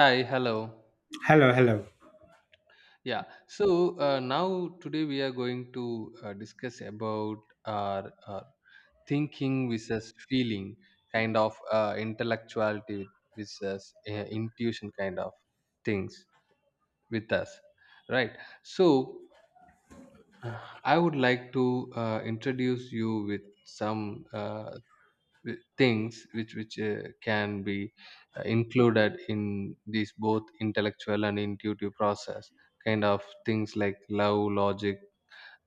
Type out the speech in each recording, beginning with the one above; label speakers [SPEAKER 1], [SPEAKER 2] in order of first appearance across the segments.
[SPEAKER 1] Hi, hello.
[SPEAKER 2] Hello, hello.
[SPEAKER 1] Now today we are going to discuss about our thinking versus feeling, kind of intellectuality versus intuition, kind of things with us, right? So uh, I would like to introduce you with some things which can be included in these both intellectual and intuitive process, kind of things like love, logic,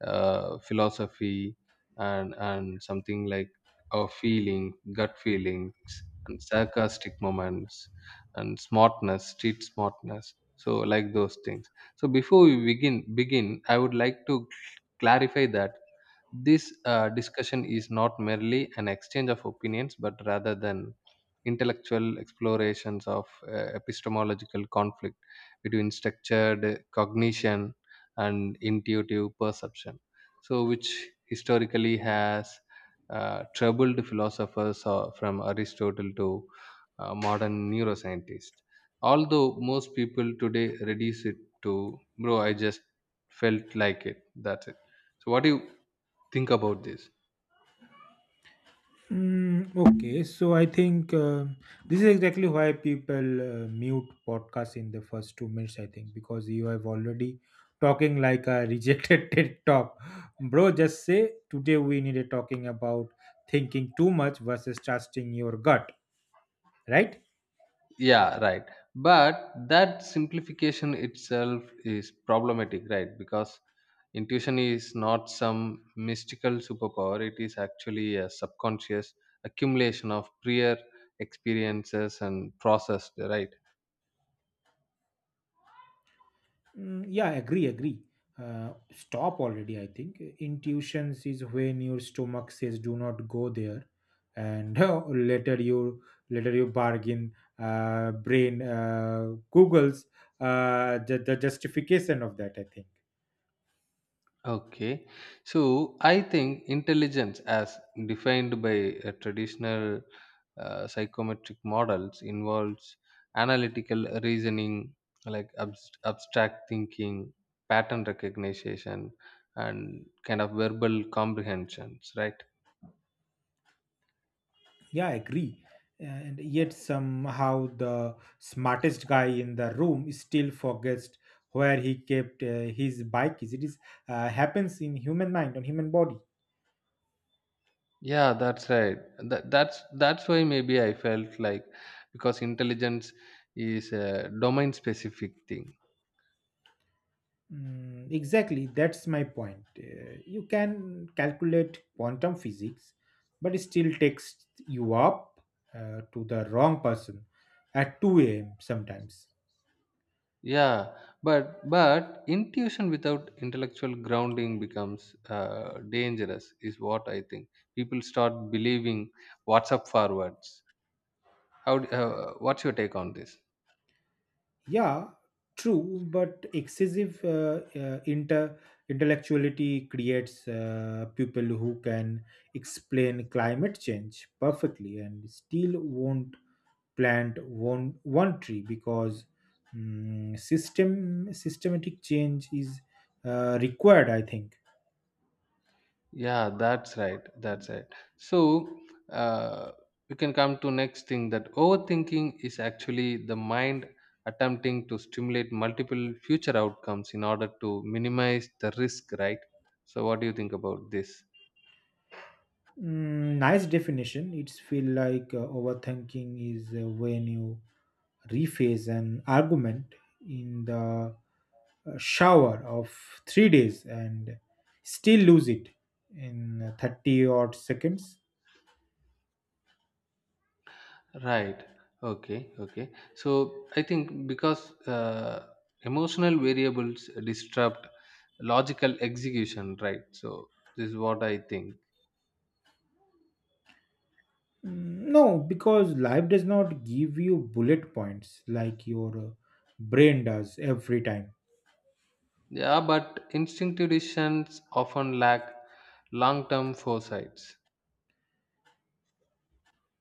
[SPEAKER 1] philosophy, and something like our feeling, gut feelings, and sarcastic moments, and smartness, street smartness, so like those things. So before we begin, I would like to clarify that this discussion is not merely an exchange of opinions, but rather than intellectual explorations of epistemological conflict between structured cognition and intuitive perception. So, which historically has troubled philosophers from Aristotle to modern neuroscientists. Although most people today reduce it to, bro, I just felt like it. That's it. So, what do you think about this?
[SPEAKER 2] Okay, so I think this is exactly why people mute podcasts in the first 2 minutes. I think because you have already talking like a rejected TED talk, bro. Just say today we need a talking about thinking too much versus trusting your gut, right?
[SPEAKER 1] Yeah, right, but that simplification itself is problematic, right? Because intuition is not some mystical superpower, it is actually a subconscious accumulation of prior experiences and processed, right?
[SPEAKER 2] Mm, yeah, agree, agree. Stop already, I think. Intuitions is when your stomach says do not go there, and later you later you bargain. Brain Google's the justification of that, I think.
[SPEAKER 1] Okay, so I think intelligence, as defined by traditional psychometric models, involves analytical reasoning, like abstract thinking, pattern recognition, and kind of verbal comprehensions, right?
[SPEAKER 2] Yeah, I agree. And yet somehow the smartest guy in the room still forgets where he kept his bike. Is it is happens in human mind on human body.
[SPEAKER 1] Yeah, that's right. That's why maybe I felt like, because intelligence is a domain specific thing.
[SPEAKER 2] Mm, exactly, that's my point. You can calculate quantum physics, but it still takes you up to the wrong person at 2 a.m. sometimes.
[SPEAKER 1] Yeah, but intuition without intellectual grounding becomes dangerous, is what I think. People start believing what's up forwards. How? What's your take on this?
[SPEAKER 2] Yeah, true, but excessive inter intellectuality creates people who can explain climate change perfectly and still won't plant one tree because systematic change is required, I think.
[SPEAKER 1] Yeah, that's right. That's right. So uh, we can come to next thing, that overthinking is actually the mind attempting to stimulate multiple future outcomes in order to minimize the risk. Right. So what do you think about this?
[SPEAKER 2] Nice definition. It's feel like overthinking is when you rephrase an argument in the shower of 3 days and still lose it in 30 odd seconds.
[SPEAKER 1] Right. Okay. Okay. So I think because emotional variables disrupt logical execution, right? So this is what I think.
[SPEAKER 2] Mm, no, because life does not give you bullet points like your brain does every time.
[SPEAKER 1] Yeah, but instinctive decisions often lack long-term foresights.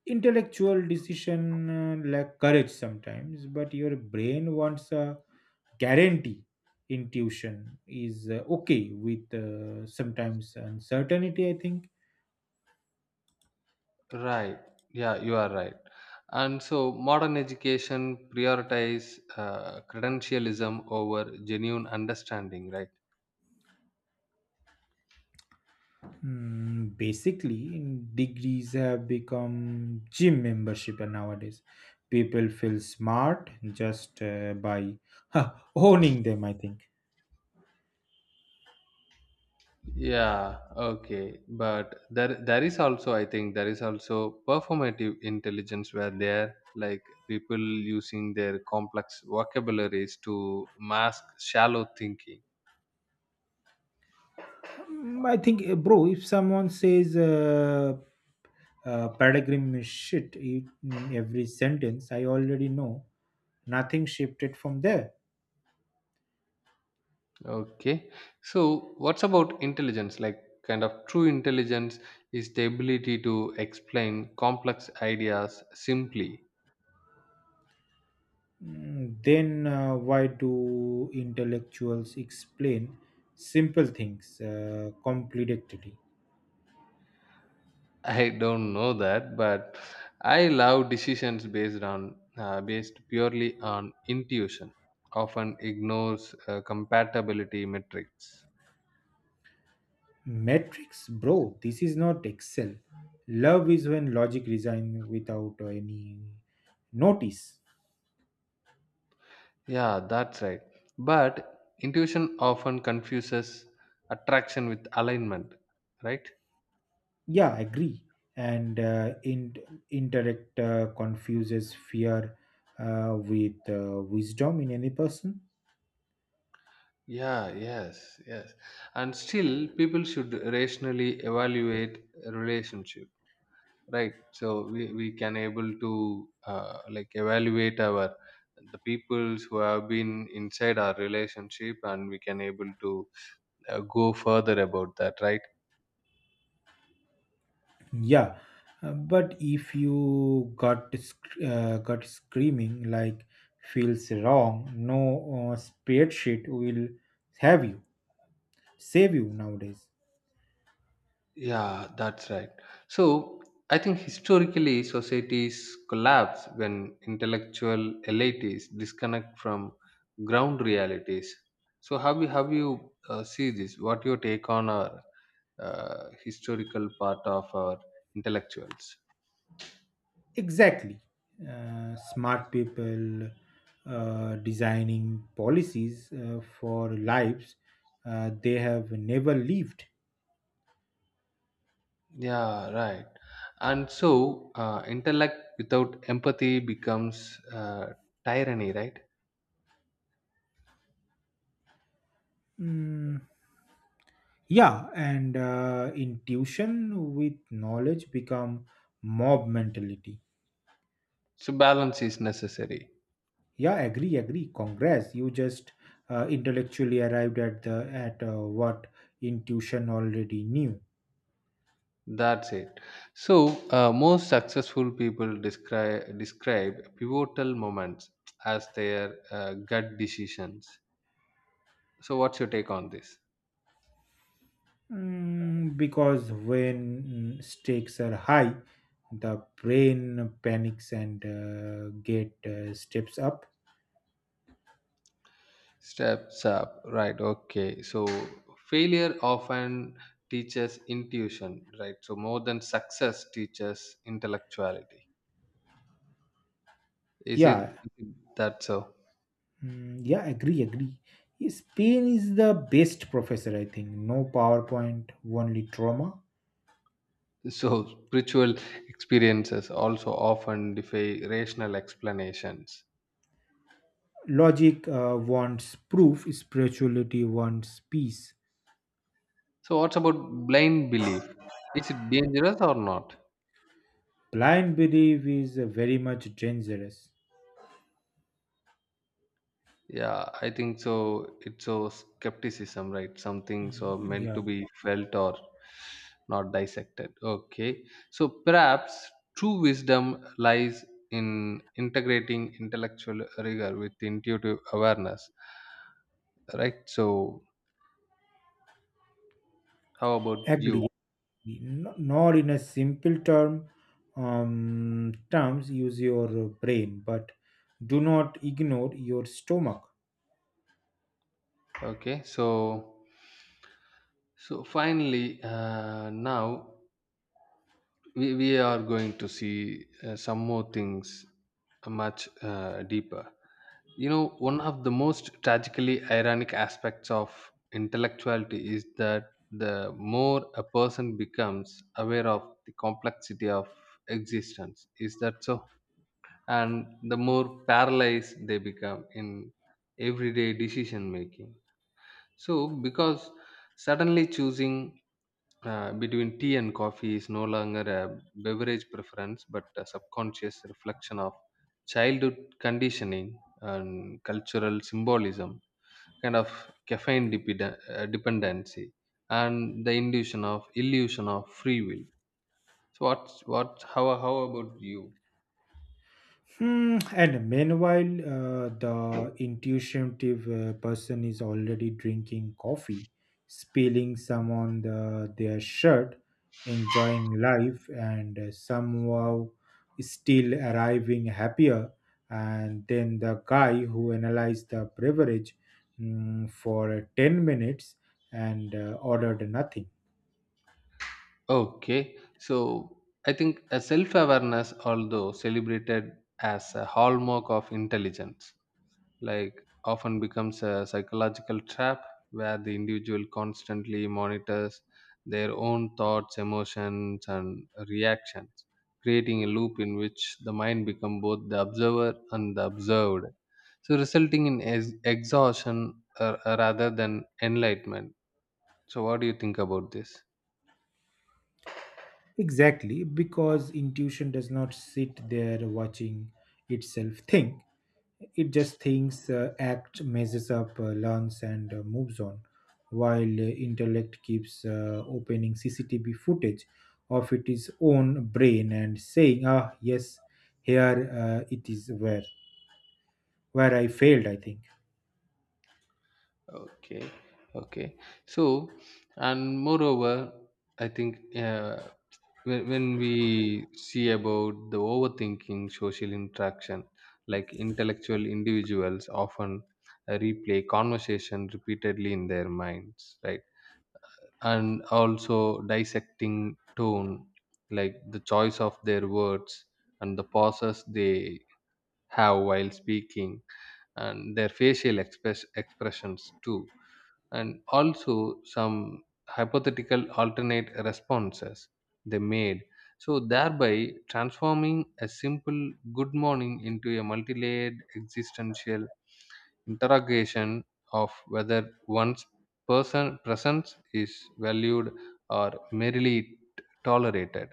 [SPEAKER 2] Intellectual decision lack courage sometimes, but your brain wants a guarantee. Intuition is okay with sometimes uncertainty, I think.
[SPEAKER 1] Right. Yeah, you are right. And so modern education prioritize credentialism over genuine understanding, right?
[SPEAKER 2] Basically degrees have become gym membership nowadays. People feel smart just by owning them, I think.
[SPEAKER 1] Yeah, okay. But there is also, I think there is also performative intelligence where there, like, people using their complex vocabularies to mask shallow thinking.
[SPEAKER 2] I think, bro, if someone says paradigm is shit in every sentence, I already know nothing shifted from there.
[SPEAKER 1] Okay. So what's about intelligence? Like, kind of true intelligence is the ability to explain complex ideas simply.
[SPEAKER 2] Then why do intellectuals explain simple things complicatedly?
[SPEAKER 1] I don't know that, but I love decisions based on based purely on intuition. Often ignores compatibility metrics.
[SPEAKER 2] Metrics, bro, this is not Excel. Love is when logic resigns without any notice.
[SPEAKER 1] Yeah, that's right. But intuition often confuses attraction with alignment, right?
[SPEAKER 2] Yeah, agree. And intellect confuses fear with wisdom in any person.
[SPEAKER 1] Yeah, yes, yes. And still, people should rationally evaluate a relationship. Right, so we can able to like evaluate our the peoples who have been inside our relationship, and we can able to go further about that, right?
[SPEAKER 2] Yeah, but if you got screaming like feels wrong, no spreadsheet will have you save you nowadays.
[SPEAKER 1] Yeah, that's right. So I think historically societies collapse when intellectual elites disconnect from ground realities. So how you, how you see this? What your take on our historical part of our intellectuals?
[SPEAKER 2] Exactly, smart people designing policies for lives they have never lived.
[SPEAKER 1] Yeah, right. And so, intellect without empathy becomes tyranny, right?
[SPEAKER 2] Mm, yeah, and intuition with knowledge become mob mentality.
[SPEAKER 1] So, balance is necessary.
[SPEAKER 2] Yeah, agree, agree, congrats. You just intellectually arrived at what intuition already knew.
[SPEAKER 1] That's it. So, most successful people describe pivotal moments as their gut decisions. So, what's your take on this?
[SPEAKER 2] Because when stakes are high, the brain panics and get steps up.
[SPEAKER 1] Steps up, right? Okay. So, failure often teaches intuition, right? So, more than success teaches intellectuality.
[SPEAKER 2] Yeah,
[SPEAKER 1] Is it that so?
[SPEAKER 2] mm, yeah, agree, agree. Yes, pain is the best professor, I think. No powerpoint, only trauma.
[SPEAKER 1] So, spiritual experiences also often defy rational explanations.
[SPEAKER 2] Logic wants proof. Spirituality wants peace.
[SPEAKER 1] So, what's about blind belief? Is it dangerous or not?
[SPEAKER 2] Blind belief is very much dangerous.
[SPEAKER 1] Yeah, I think so. It's so skepticism, right? Some things are meant
[SPEAKER 2] Yeah.
[SPEAKER 1] to be felt or not dissected. Okay. So perhaps true wisdom lies in integrating intellectual rigor with intuitive awareness, right? So, how about you?
[SPEAKER 2] Agree. No- Not in a simple terms, use your brain, but do not ignore your stomach.
[SPEAKER 1] Okay, so so finally, now we are going to see some more things much deeper. You know, one of the most tragically ironic aspects of intellectuality is that the more a person becomes aware of the complexity of existence, is that so? And the more paralyzed they become in everyday decision making. So, because suddenly choosing, between tea and coffee is no longer a beverage preference but a subconscious reflection of childhood conditioning and cultural symbolism, kind of caffeine dependency, and the illusion of free will. So what's what? How about you?
[SPEAKER 2] And meanwhile, the intuitive person is already drinking coffee, spilling some on their shirt, enjoying life, and somehow still arriving happier. And then the guy who analyzed the beverage for 10 minutes and ordered nothing.
[SPEAKER 1] Okay, so I think a self awareness, although celebrated as a hallmark of intelligence, like, often becomes a psychological trap where the individual constantly monitors their own thoughts, emotions, and reactions, creating a loop in which the mind becomes both the observer and the observed, so resulting in exhaustion rather than enlightenment. So, what do you think about this?
[SPEAKER 2] Exactly, because intuition does not sit there watching itself think. It just thinks, acts, messes up, learns, and moves on, while intellect keeps opening CCTV footage of its own brain and saying, "Ah, yes, here it is where I failed," I think.
[SPEAKER 1] Okay, okay. So, and moreover, I think. When we see about the overthinking social interaction, like intellectual individuals often replay conversation repeatedly in their minds, right? And also dissecting tone, like the choice of their words, and the pauses they have while speaking, and their facial expressions too, and also some hypothetical alternate responses they made, so thereby transforming a simple good morning into a multi-layered existential interrogation of whether one's person presence is valued or merely tolerated.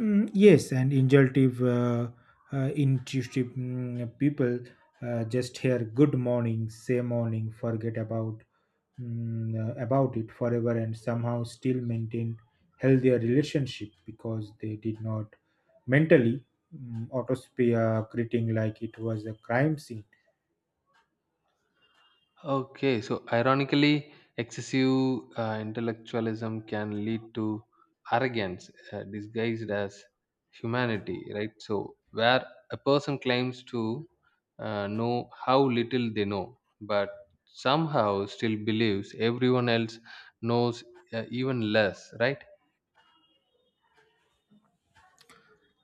[SPEAKER 2] Mm, yes, and intuitive people just hear "good morning," say "morning," forget about it forever, and somehow still maintain healthier relationship because they did not mentally autopsy a greeting like it was a crime scene.
[SPEAKER 1] Okay, so ironically, excessive intellectualism can lead to arrogance disguised as humanity, right? So, where a person claims to know how little they know, but somehow still believes everyone else knows even less, right?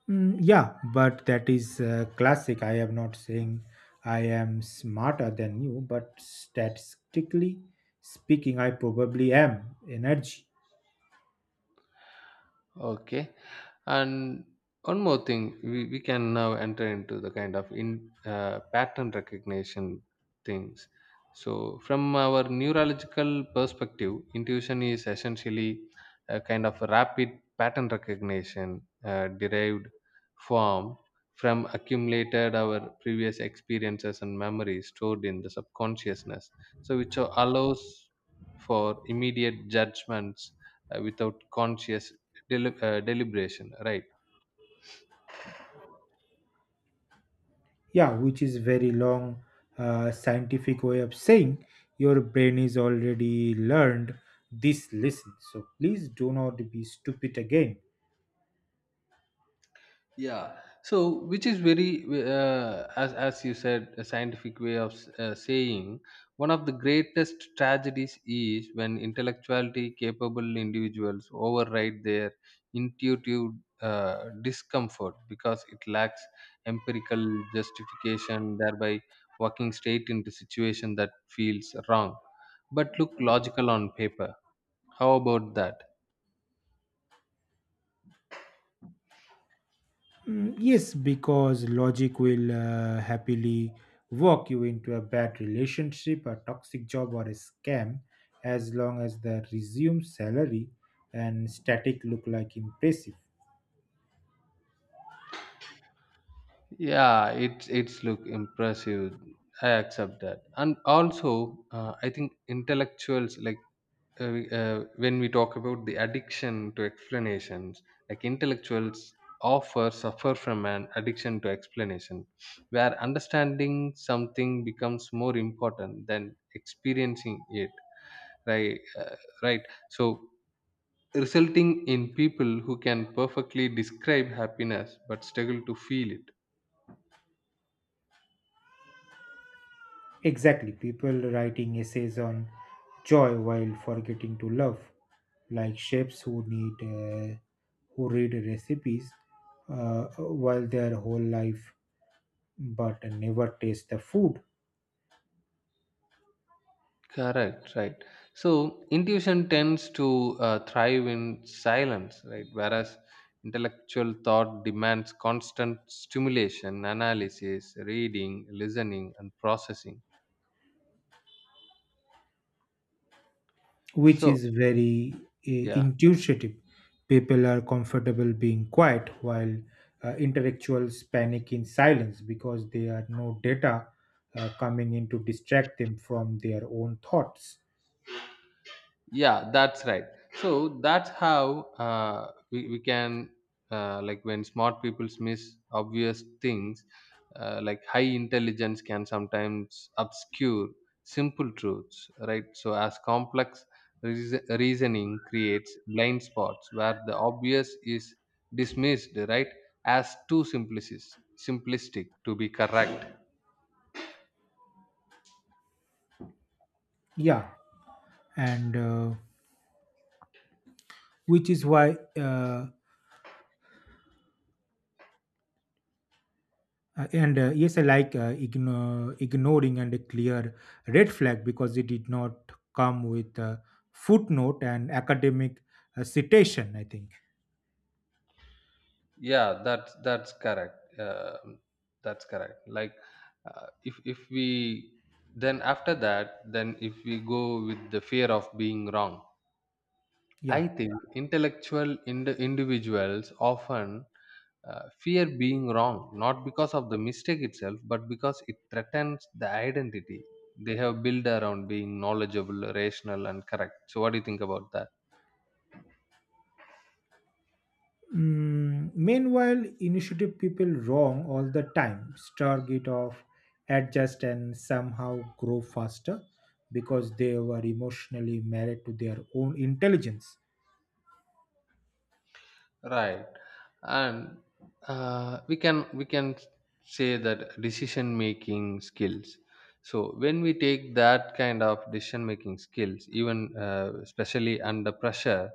[SPEAKER 2] Mm, yeah, but that is classic. I am not saying I am smarter than you, but statistically speaking, I probably am energy.
[SPEAKER 1] Okay. And one more thing, we can now enter into the kind of in pattern recognition things. So, from our neurological perspective, intuition is essentially a kind of rapid pattern recognition derived form from accumulated our previous experiences and memories stored in the subconsciousness. So, which allows for immediate judgments without conscious deliberation, right?
[SPEAKER 2] Yeah, which is very long scientific way of saying your brain is already learned this lesson. So please do not be stupid again.
[SPEAKER 1] Yeah. So which is very as you said a scientific way of saying, one of the greatest tragedies is when intellectuality capable individuals override their intuitive discomfort because it lacks empirical justification, thereby walking straight into situation that feels wrong but look logical on paper. How about that?
[SPEAKER 2] Mm, yes, because logic will happily walk you into a bad relationship, a toxic job, or a scam as long as the resume salary and static look like impressive.
[SPEAKER 1] Yeah, it's look impressive. I accept that, and also I think intellectuals like, when we talk about the addiction to explanations, like intellectuals offer suffer from an addiction to explanation, where understanding something becomes more important than experiencing it. Right, right. So resulting in people who can perfectly describe happiness but struggle to feel it.
[SPEAKER 2] Exactly, people writing essays on joy while forgetting to love, like chefs who read recipes while their whole life but never taste the food.
[SPEAKER 1] Correct, right. So intuition tends to thrive in silence, right? Whereas intellectual thought demands constant stimulation, analysis, reading, listening, and processing.
[SPEAKER 2] Which
[SPEAKER 1] So,
[SPEAKER 2] is very
[SPEAKER 1] yeah.
[SPEAKER 2] intuitive. People are comfortable being quiet while intellectuals panic in silence because there are no data coming in to distract them from their own thoughts.
[SPEAKER 1] Yeah, that's right. So that's how we can like, when smart people miss obvious things, like high intelligence can sometimes obscure simple truths, right? So as complex reasoning creates blind spots where the obvious is dismissed, right, as too simplistic to be correct.
[SPEAKER 2] Yeah, and which is why. And Yes, I like ignoring and a clear red flag because it did not come with a footnote and academic citation, I think,
[SPEAKER 1] Yeah, that's correct. Um, that's correct, like, if we then after that, then if we go with the fear of being wrong, I
[SPEAKER 2] yeah.
[SPEAKER 1] think intellectual individuals often fear being wrong, not because of the mistake itself but because it threatens the identity they have built around being knowledgeable, rational and correct. So what do you think about that?
[SPEAKER 2] Meanwhile, initiative people wrong all the time, start it off, adjust, and somehow grow faster because they were emotionally married to their own intelligence.
[SPEAKER 1] Right, and we can say that decision making skills, so when we take that kind of decision making skills, even especially under pressure,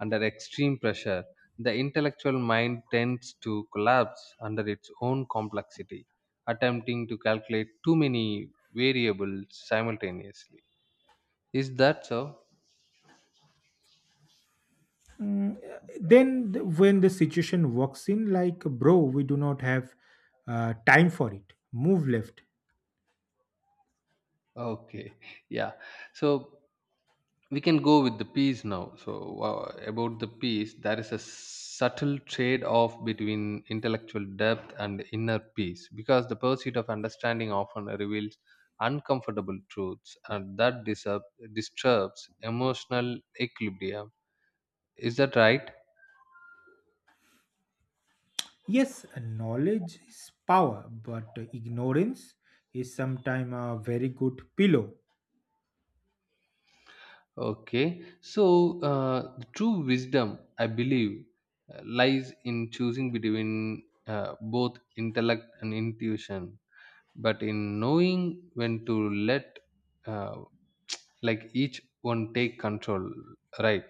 [SPEAKER 1] under extreme pressure, the intellectual mind tends to collapse under its own complexity, attempting to calculate too many variables simultaneously. Is that so?
[SPEAKER 2] Mm, then, when the situation walks in, like, bro, we do not have time for it, move left.
[SPEAKER 1] Okay, yeah. So we can go with the peace now. So wow, about the peace, there is a subtle trade off between intellectual depth and inner peace because the pursuit of understanding often reveals uncomfortable truths and that disturbs emotional equilibrium. Is that right?
[SPEAKER 2] Yes, knowledge is power, but ignorance is sometimes a very good pillow.
[SPEAKER 1] Okay, so the true wisdom I believe lies in choosing between both intellect and intuition, but in knowing when to let uh, like each one take control, right?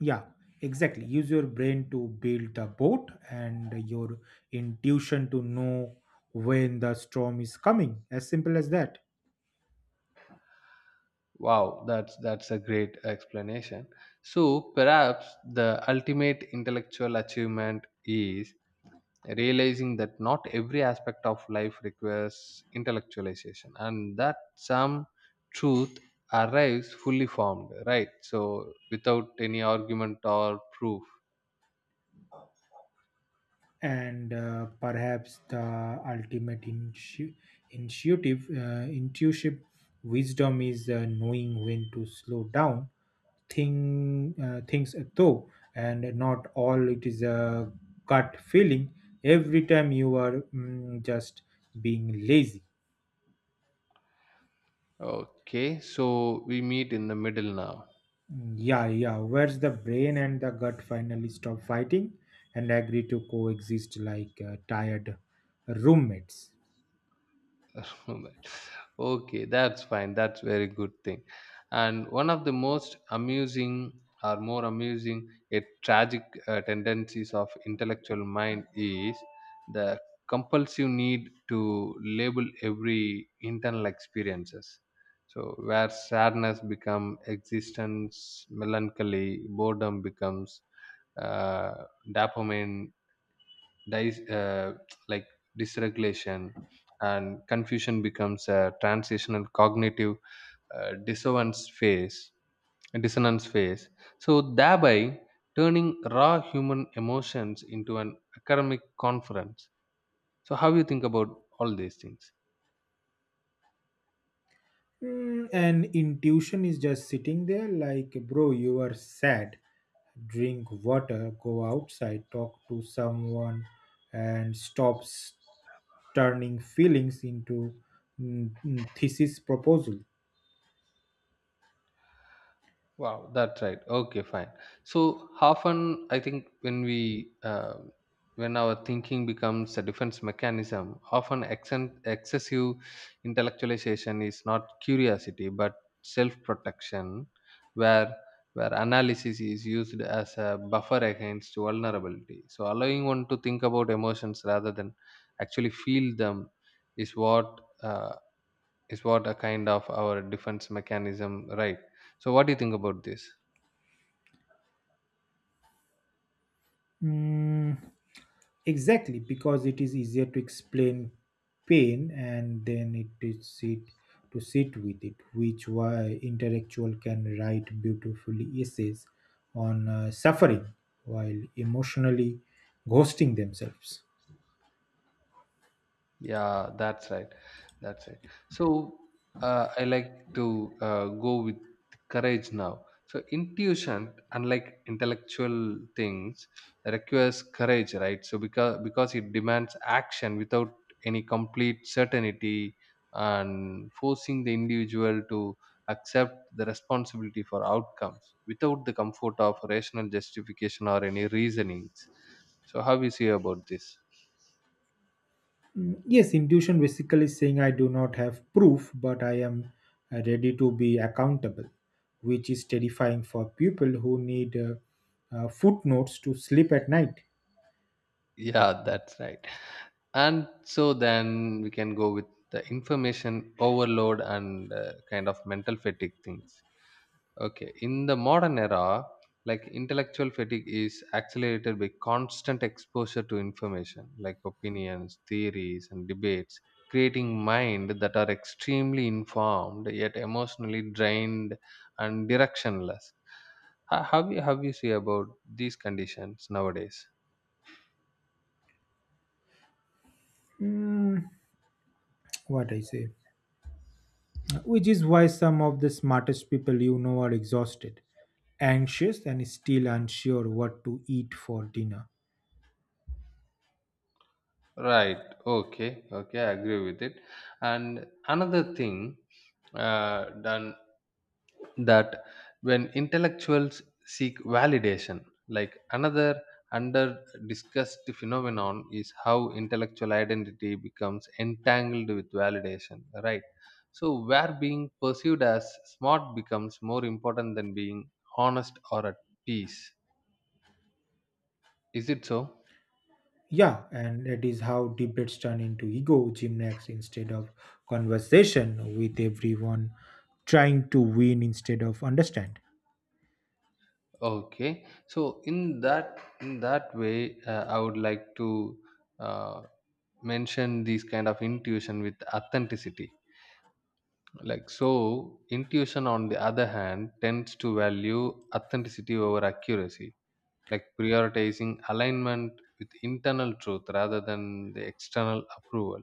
[SPEAKER 2] Yeah, exactly. Use your brain to build a boat and your intuition to know when the storm is coming. As simple as that.
[SPEAKER 1] Wow, that's a great explanation. So perhaps the ultimate intellectual achievement is realizing that not every aspect of life requires intellectualization, and that some truth arrives fully formed, right? So without any argument or proof.
[SPEAKER 2] And perhaps the ultimate intuitive wisdom is knowing when to slow down things though, and not all it is a gut feeling every time you are just being lazy.
[SPEAKER 1] Okay, so we meet in the middle now.
[SPEAKER 2] Yeah, yeah. Where's the brain and the gut finally stop fighting and agree to coexist like tired roommates?
[SPEAKER 1] Okay, that's fine, that's very good thing. And one of the most amusing or more amusing, a tragic tendencies of intellectual mind is the compulsive need to label every internal experiences, so where sadness become existence melancholy, boredom becomes uh, dopamine dis- uh, like dysregulation, and confusion becomes a transitional cognitive dissonance phase dissonance phase, so thereby turning raw human emotions into an academic conference. So how you think about all these things?
[SPEAKER 2] And intuition is just sitting there like, bro, you are sad. Drink water, go outside, talk to someone, and stop turning feelings into thesis proposal.
[SPEAKER 1] Wow, that's right. Okay, fine. So often, I think when we when our thinking becomes a defense mechanism, often accent, excessive intellectualization is not curiosity but self-protection, where analysis is used as a buffer against vulnerability. So allowing one to think about emotions rather than actually feel them is what uh, is what a kind of our defense mechanism, right? So what do you think about this?
[SPEAKER 2] Mm, exactly, because it is easier to explain pain and then it is sit to sit with it, which why intellectual can write beautifully essays on suffering while emotionally ghosting themselves.
[SPEAKER 1] Yeah, that's right. That's right. So I like to go with courage now. So intuition, unlike intellectual things, requires courage, right? So because it demands action without any complete certainty and forcing the individual to accept the responsibility for outcomes without the comfort of rational justification or any reasonings. So how do you see about this?
[SPEAKER 2] Mm, yes, intuition basically saying I do not have proof, but I am ready to be accountable, which is terrifying for people who need footnotes to sleep at night.
[SPEAKER 1] Yeah, that's right. And so then we can go with the information overload and kind of mental fatigue things okay in the modern era, like intellectual fatigue is accelerated by constant exposure to information like opinions, theories and debates, creating mind that are extremely informed yet emotionally drained and directionless. How you see about these conditions nowadays?
[SPEAKER 2] Mm, what I say. Which is why some of the smartest people you know are exhausted, anxious, and still unsure what to eat for dinner.
[SPEAKER 1] Right. Okay. Okay. I agree with it. And another thing done that when intellectuals seek validation, like another under discussed phenomenon is how intellectual identity becomes entangled with validation. Right. So where being perceived as smart becomes more important than being honest or at peace. Is it so?
[SPEAKER 2] Yeah, and that is how debates turn into ego gymnastics instead of conversation, with everyone trying to win instead of understand.
[SPEAKER 1] Okay, so in that way, I would like to uh, mention these kind of intuition with authenticity. Like so, intuition on the other hand tends to value authenticity over accuracy, like prioritizing alignment with internal truth rather than the external approval.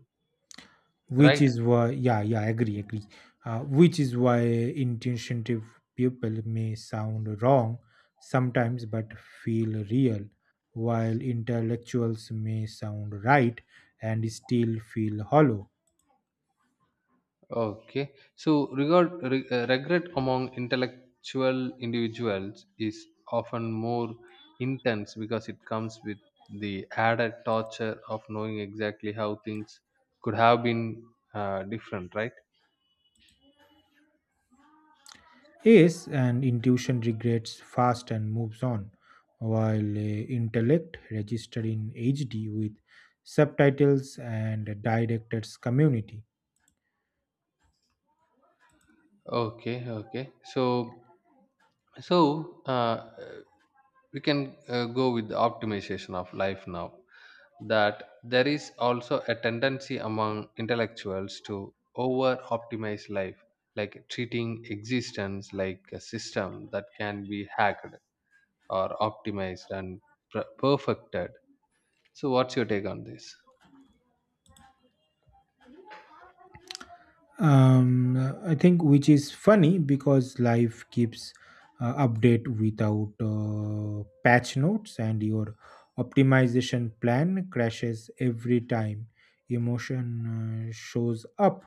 [SPEAKER 2] Which
[SPEAKER 1] Right?
[SPEAKER 2] is why, yeah, yeah, agree, agree, which is why intentionative people may sound wrong sometimes but feel real, while intellectuals may sound right and still feel hollow.
[SPEAKER 1] Okay. So regret among intellectual individuals is often more intense because it comes with the added torture of knowing exactly how things could have been different, right?
[SPEAKER 2] Yes, and intuition regrets fast and moves on, while intellect registered in HD with subtitles and directors community.
[SPEAKER 1] Okay, okay. So we can go with the optimization of life now. That there is also a tendency among intellectuals to over optimize life, like treating existence like a system that can be hacked or optimized and perfected. So, what's your take on this?
[SPEAKER 2] um I think which is funny because life keeps update without patch notes, and your optimization plan crashes every time emotion shows up.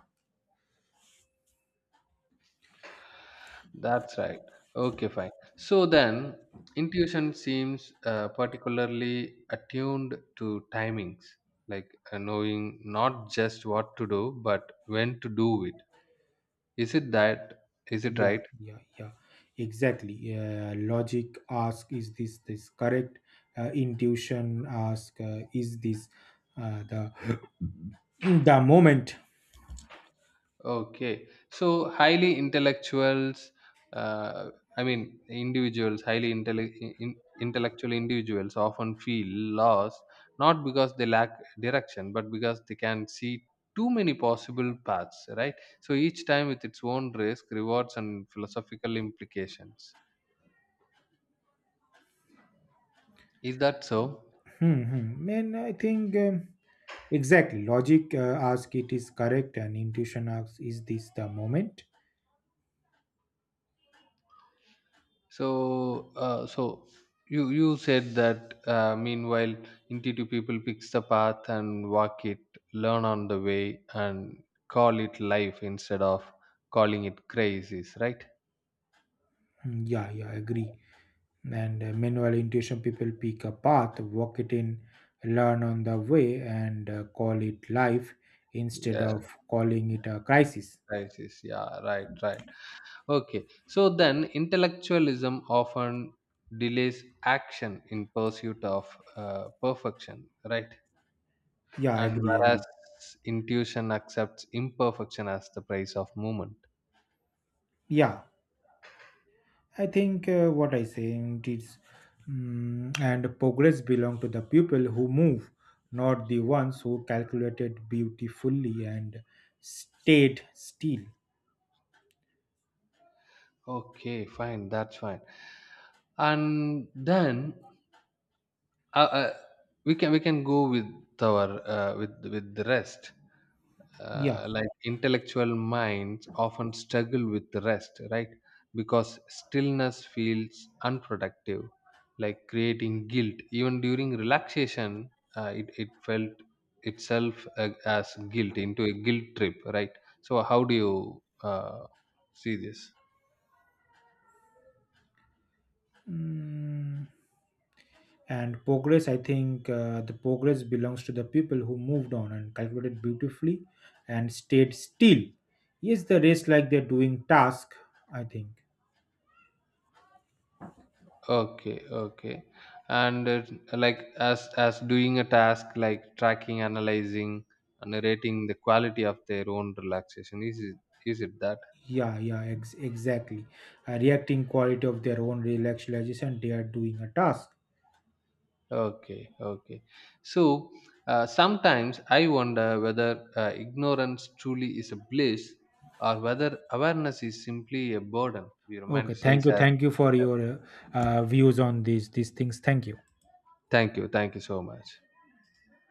[SPEAKER 1] That's right. Okay, fine. So then, intuition seems particularly attuned to timings, like knowing not just what to do, but when to do it. Is it that? Is it
[SPEAKER 2] Yeah,
[SPEAKER 1] right?
[SPEAKER 2] yeah, yeah, exactly. Logic ask, is this correct? Intuition ask, is this the the moment?
[SPEAKER 1] Okay. So highly intellectuals, uh, I mean individuals, intellectual individuals often feel lost not because they lack direction, but because they can see too many possible paths, right? So each time with its own risk, rewards, and philosophical implications. Is that so?
[SPEAKER 2] Hmm, hmm. And I think, exactly. Logic asks it is correct, and intuition asks is this the moment?
[SPEAKER 1] So, so you said that meanwhile, intuitive people picks the path and walk it, learn on the way, and call it life instead of calling it crisis, right?
[SPEAKER 2] Mm, yeah, yeah, I agree. And meanwhile, intuition people pick a path, walk it in, learn on the way, and call it life instead
[SPEAKER 1] Yes. Yeah,
[SPEAKER 2] of calling it a crisis.
[SPEAKER 1] crisis. Yeah, right, right. Okay. So then, intellectualism often delays action in pursuit of perfection, right?
[SPEAKER 2] Yeah, I
[SPEAKER 1] And
[SPEAKER 2] agree,
[SPEAKER 1] whereas
[SPEAKER 2] agree.
[SPEAKER 1] intuition accepts imperfection as the price of movement.
[SPEAKER 2] Yeah, I think what I say it is, and progress belong to the people who move, not the ones who calculated beautifully and stayed still.
[SPEAKER 1] Okay, fine. That's fine. And then uh, uh, we can go with our with the rest.
[SPEAKER 2] Yeah.
[SPEAKER 1] Like intellectual minds often struggle with the rest, right? Because stillness feels unproductive, like creating guilt. Even during relaxation, it felt itself as guilt into a guilt trip, right? So how do you see this?
[SPEAKER 2] Mm, and progress, I think, the progress belongs to the people who moved on and calculated beautifully and stayed still. Yes, the race, like they're doing task, I think.
[SPEAKER 1] Okay, okay. And like as doing a task like tracking, analyzing, and rating the quality of their own relaxation. Is it that?
[SPEAKER 2] Yeah, yeah, exactly, a reacting quality of their own relaxation, they are doing a task.
[SPEAKER 1] Okay, okay. So sometimes I wonder whether ignorance truly is a bliss, or whether awareness is simply a burden we
[SPEAKER 2] Okay, thank
[SPEAKER 1] romanticize
[SPEAKER 2] you,
[SPEAKER 1] as.
[SPEAKER 2] thank you for your views on these things. Thank you.
[SPEAKER 1] Thank you so much.